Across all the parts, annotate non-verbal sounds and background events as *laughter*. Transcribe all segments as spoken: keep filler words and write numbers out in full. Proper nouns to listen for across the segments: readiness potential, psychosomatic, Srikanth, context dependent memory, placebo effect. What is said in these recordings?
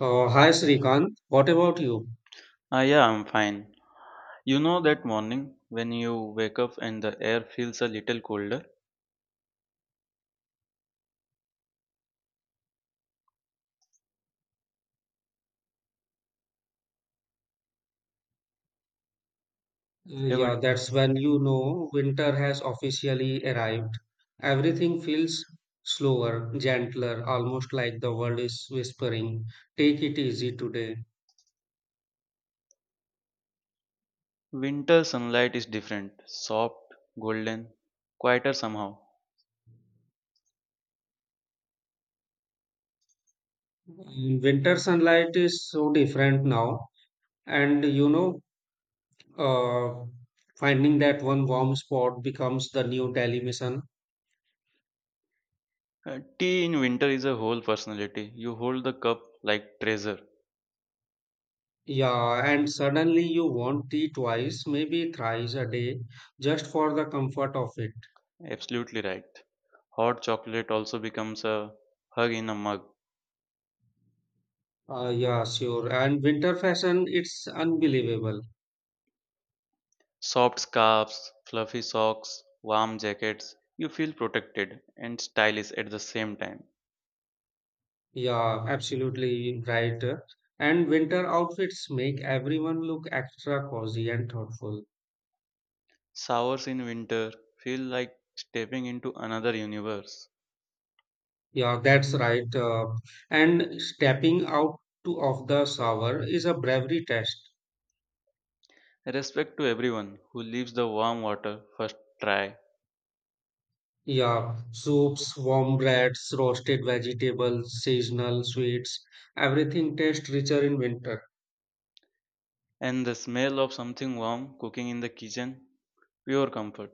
Uh, hi Srikanth, what about you? Ah, yeah, I'm fine. You know that morning when you wake up and the air feels a little colder? Uh, Heavenly. yeah, that's when you know winter has officially arrived. Everything feels slower, gentler, almost like the world is whispering, take it easy today. Winter sunlight is different, soft, golden, quieter somehow. Mm, winter sunlight is so different now, and you know, uh, finding that one warm spot becomes the new daily mission. Uh, tea in winter is a whole personality. You hold the cup like treasure. Yeah, and suddenly you want tea twice, maybe thrice a day, just for the comfort of it. Absolutely right. Hot chocolate also becomes a hug in a mug. Uh, yeah, sure. And winter fashion, it's unbelievable. Soft scarves, fluffy socks, warm jackets. You feel protected and stylish at the same time. Yeah, absolutely right. And winter outfits make everyone look extra cozy and thoughtful. Showers in winter feel like stepping into another universe. Yeah, that's right. Uh, and stepping out to of the shower is a bravery test. Respect to everyone who leaves the warm water first try, Yeah, soups, warm breads, roasted vegetables, seasonal sweets, everything tastes richer in winter. and the smell of something warm cooking in the kitchen, pure comfort.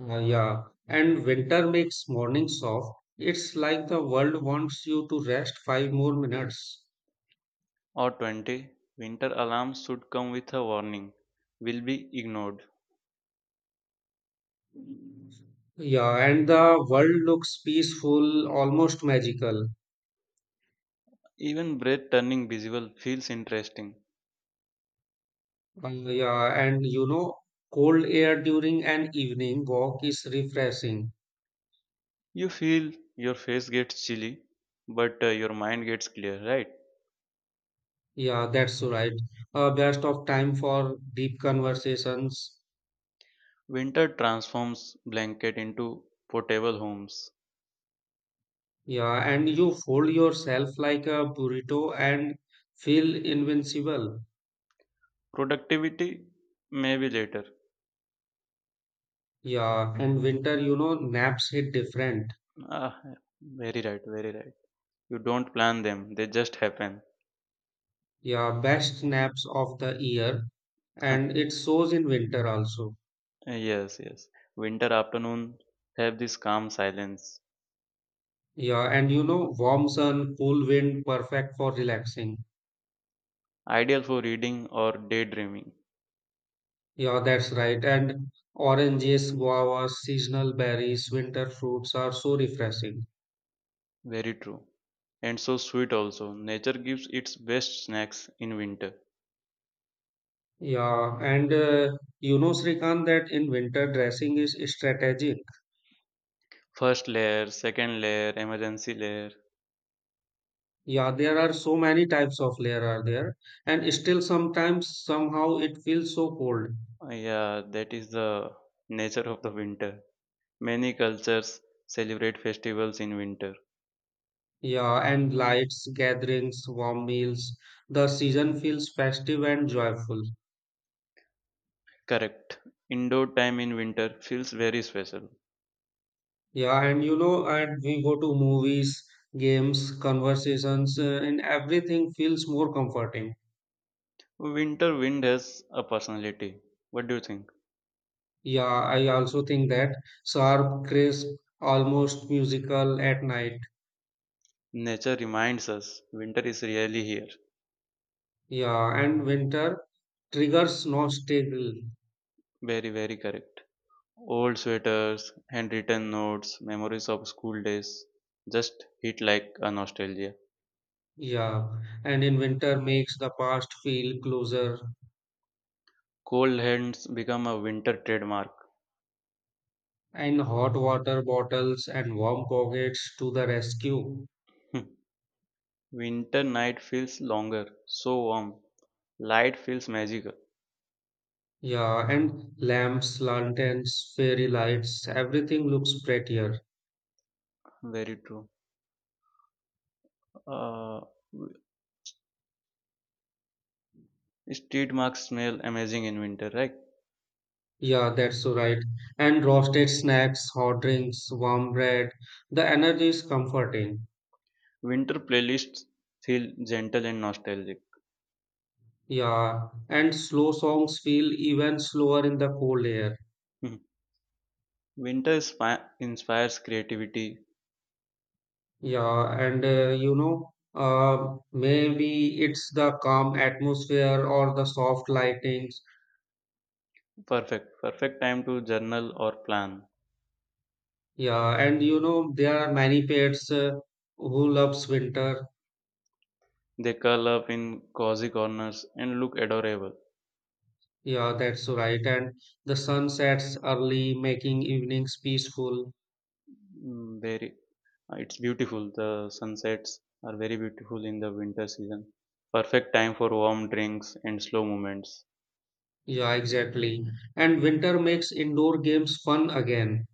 Uh, yeah, and winter makes mornings soft. It's like the world wants you to rest five more minutes. Or twenty, winter alarms should come with a warning, will be ignored. Yeah, and the world looks peaceful, almost magical. Even breath turning visible feels interesting. Uh, yeah, and you know, cold air during an evening walk is refreshing. You feel your face gets chilly, but uh, your mind gets clear, right? Yeah, that's right. Uh, best of time for deep conversations. Winter transforms blanket into portable homes. Yeah, and you fold yourself like a burrito and feel invincible. Productivity, maybe later. Yeah, and winter, you know, naps hit different. Ah, very right, very right. You don't plan them, they just happen. Yeah, best naps of the year, and *laughs* it shows in winter also. Yes, yes. Winter afternoon have this calm silence, Yeah, and you know, warm sun, cool wind, perfect for relaxing. ideal for reading or daydreaming. Yeah, that's right. And oranges, guavas, seasonal berries, winter fruits are so refreshing. Very true. And so sweet also. Nature gives its best snacks in winter. Yeah, and uh, you know, Srikant, that in winter dressing is strategic. First layer, second layer, emergency layer. Yeah, there are so many types of layer are there, and still sometimes somehow it feels so cold. Yeah, that is the nature of the winter. Many cultures celebrate festivals in winter. Yeah, and lights, gatherings, warm meals. The season feels festive and joyful. Correct. Indoor time in winter feels very special. Yeah, and you know, and we go to movies, games, conversations, uh, and everything feels more comforting. Winter wind has a personality. What do you think? Yeah, I also think that sharp, crisp, almost musical at night. Nature reminds us winter is really here. Yeah, and winter triggers nostalgia. Very, very correct. Old sweaters, handwritten notes, memories of school days just hit like a nostalgia. Yeah, and in winter makes the past feel closer. Cold hands become a winter trademark. And hot water bottles and warm pockets to the rescue. Hmm. Winter night feels longer, so warm. Light feels magical. Yeah, and lamps, lanterns, fairy lights, everything looks prettier. Very true. Uh, w- Street marks smell amazing in winter, right? Yeah, that's so right. And roasted snacks, hot drinks, warm bread. The energy is comforting. Winter playlists feel gentle and nostalgic. Yeah, and slow songs feel even slower in the cold air. Mhm. Winter inspi- inspires creativity. Yeah, and uh, you know, uh, maybe it's the calm atmosphere or the soft lightings. Perfect, perfect time to journal or plan. Yeah, and you know, there are many pets uh, who loves winter. They curl up in cozy corners and look adorable. Yeah, that's right. And the sun sets early, making evenings peaceful. Mm, very, uh, it's beautiful. The sunsets are very beautiful in the winter season. Perfect time for warm drinks and slow movements. Yeah, exactly. And winter makes indoor games fun again.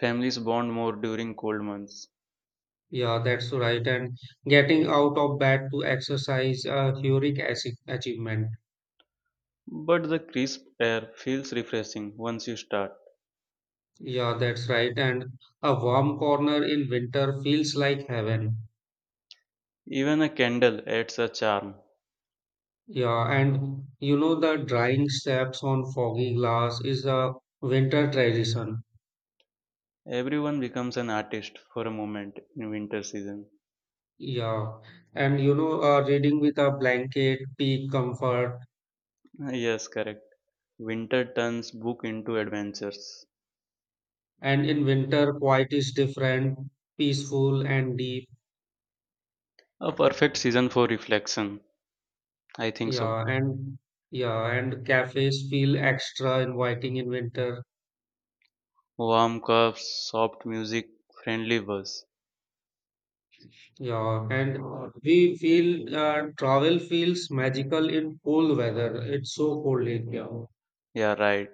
Families bond more during cold months. Yeah, that's right. And getting out of bed to exercise a heroic achie- achievement. But the crisp air feels refreshing once you start. Yeah, that's right. And a warm corner in winter feels like heaven. Even a candle adds a charm. Yeah, and you know the drying steps on foggy glass is a winter tradition. Everyone becomes an artist for a moment in winter season. Yeah, and you know uh, reading with a blanket, peak comfort, Yes, correct. Winter turns book into adventures. and in winter quiet is different, peaceful and deep. A perfect season for reflection. I think so. Yeah, and yeah, and cafes feel extra inviting in winter. Warm cups, soft music, friendly buzz. Yeah, and we feel uh, travel feels magical in cold weather. It's so cold in here. Yeah, right.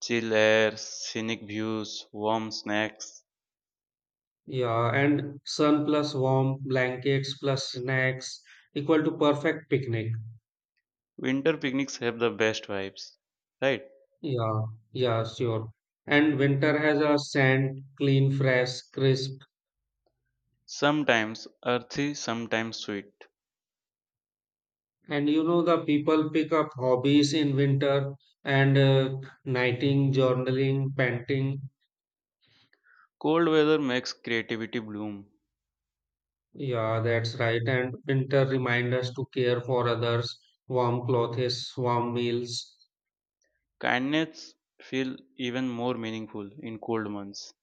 Chill air, scenic views, warm snacks. Yeah, and sun plus warm blankets plus snacks equal to perfect picnic. Winter picnics have the best vibes. Right? Yeah, yeah, sure. And winter has a scent, clean, fresh, crisp. Sometimes earthy, sometimes sweet. And you know, the people pick up hobbies in winter and uh, knitting, journaling, painting. Cold weather makes creativity bloom. Yeah, that's right. And winter reminds us to care for others, warm clothes, warm meals. Kindness feel even more meaningful in cold months.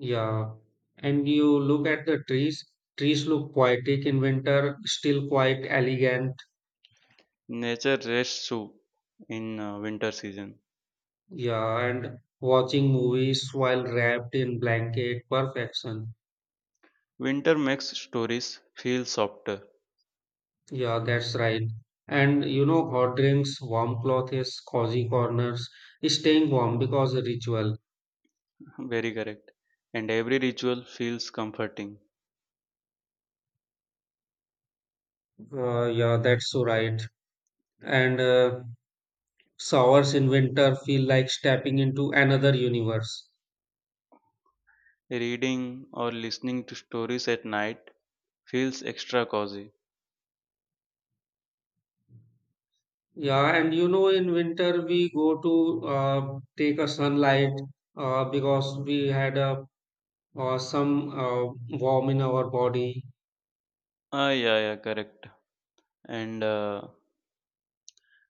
Yeah, and you look at the trees. Trees look poetic in winter, still quite elegant. Nature rests too in uh, winter season. Yeah, and watching movies while wrapped in blanket, perfection. Winter makes stories feel softer. Yeah, that's right. And you know, hot drinks, warm clothes, cozy corners, staying warm because a ritual. *laughs* Very correct. And every ritual feels comforting. Uh, yeah, that's so right. And uh, showers in winter feel like stepping into another universe. Reading or listening to stories at night feels extra cozy. Yeah, and you know, in winter we go to uh, take a sunlight uh, because we had a uh, some uh, warm in our body. Ah, yeah, yeah, correct. And uh,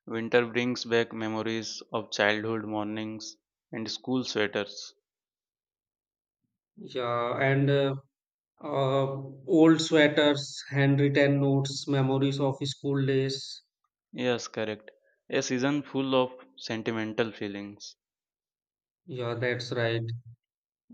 winter brings back memories of childhood mornings and school sweaters. Yeah, and uh, uh, old sweaters, handwritten notes, memories of school days. Yes, correct. A season full of sentimental feelings. Yeah, that's right.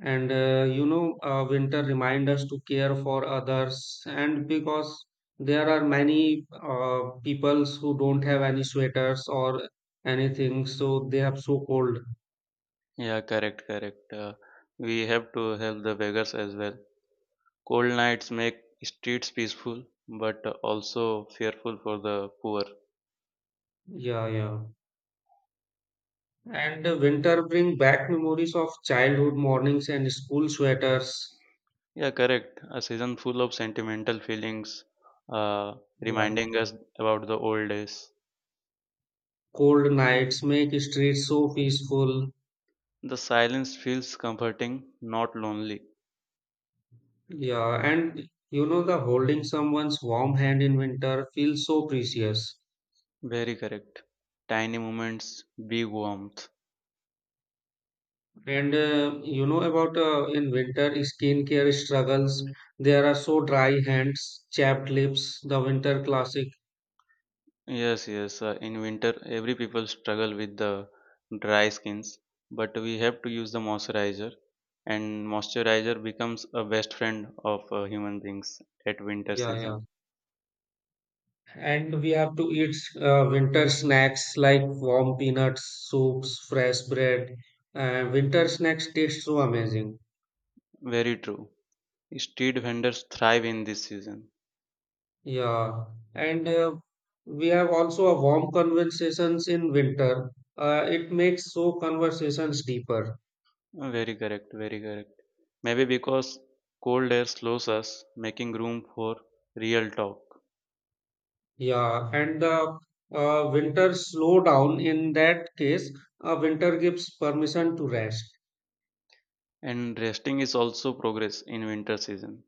And uh, you know, uh, winter remind us to care for others, and because there are many uh, peoples who don't have any sweaters or anything, so they have so cold. Yeah, correct, correct. Uh, we have to help the beggars as well. Cold nights make streets peaceful, but also fearful for the poor. Yeah, yeah. And the winter bring back memories of childhood mornings and school sweaters. Yeah, correct. A season full of sentimental feelings, uh, Yeah. reminding us about the old days. Cold nights make streets so peaceful. The silence feels comforting, not lonely. Yeah, and you know the holding someone's warm hand in winter feels so precious. Very correct. Tiny moments, big warmth. And uh, you know about uh, in winter skincare struggles. There are so dry hands, chapped lips. The winter classic. Yes, yes. Uh, in winter, every people struggle with the dry skins, but we have to use the moisturizer, and moisturizer becomes a best friend of uh, human beings at winter Yeah, yeah. season. And we have to eat uh, winter snacks like warm peanuts, soups, fresh bread. Uh, winter snacks taste so amazing. Very true. Street vendors thrive in this season. Yeah. And uh, we have also a warm conversations in winter. Uh, it makes so conversations deeper. Very correct. Very correct. Maybe because cold air slows us, making room for real talk. Yeah. And the uh, winter slow down in that case, uh, winter gives permission to rest. And resting is also progress in winter season.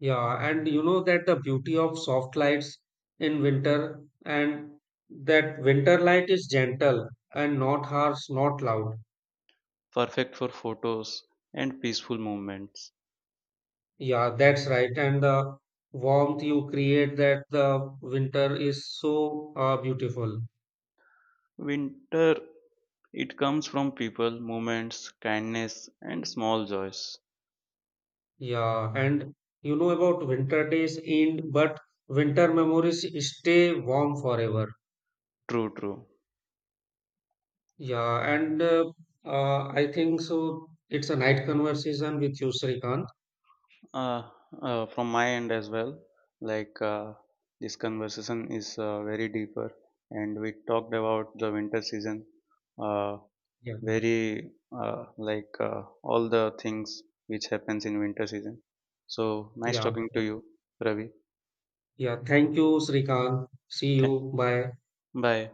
Yeah, and you know that the beauty of soft lights in winter and that winter light is gentle and not harsh, not loud. Perfect for photos and peaceful moments. Yeah, that's right. And the warmth you create that the winter is so uh, beautiful. Winter, it comes from people, moments, kindness, and small joys. Yeah, and you know about winter days end, but winter memories stay warm forever. True, true. Yeah, and uh, uh, I think so. It's a night conversation with you, Srikant. Uh, uh, from my end as well, like uh, this conversation is uh, very deeper, and we talked about the winter season, uh, Yeah, very uh, like uh, all the things which happens in winter season. So nice yeah. talking to you, Ravi. Yeah, thank you, Srikant. See Th- you. Bye. Bye.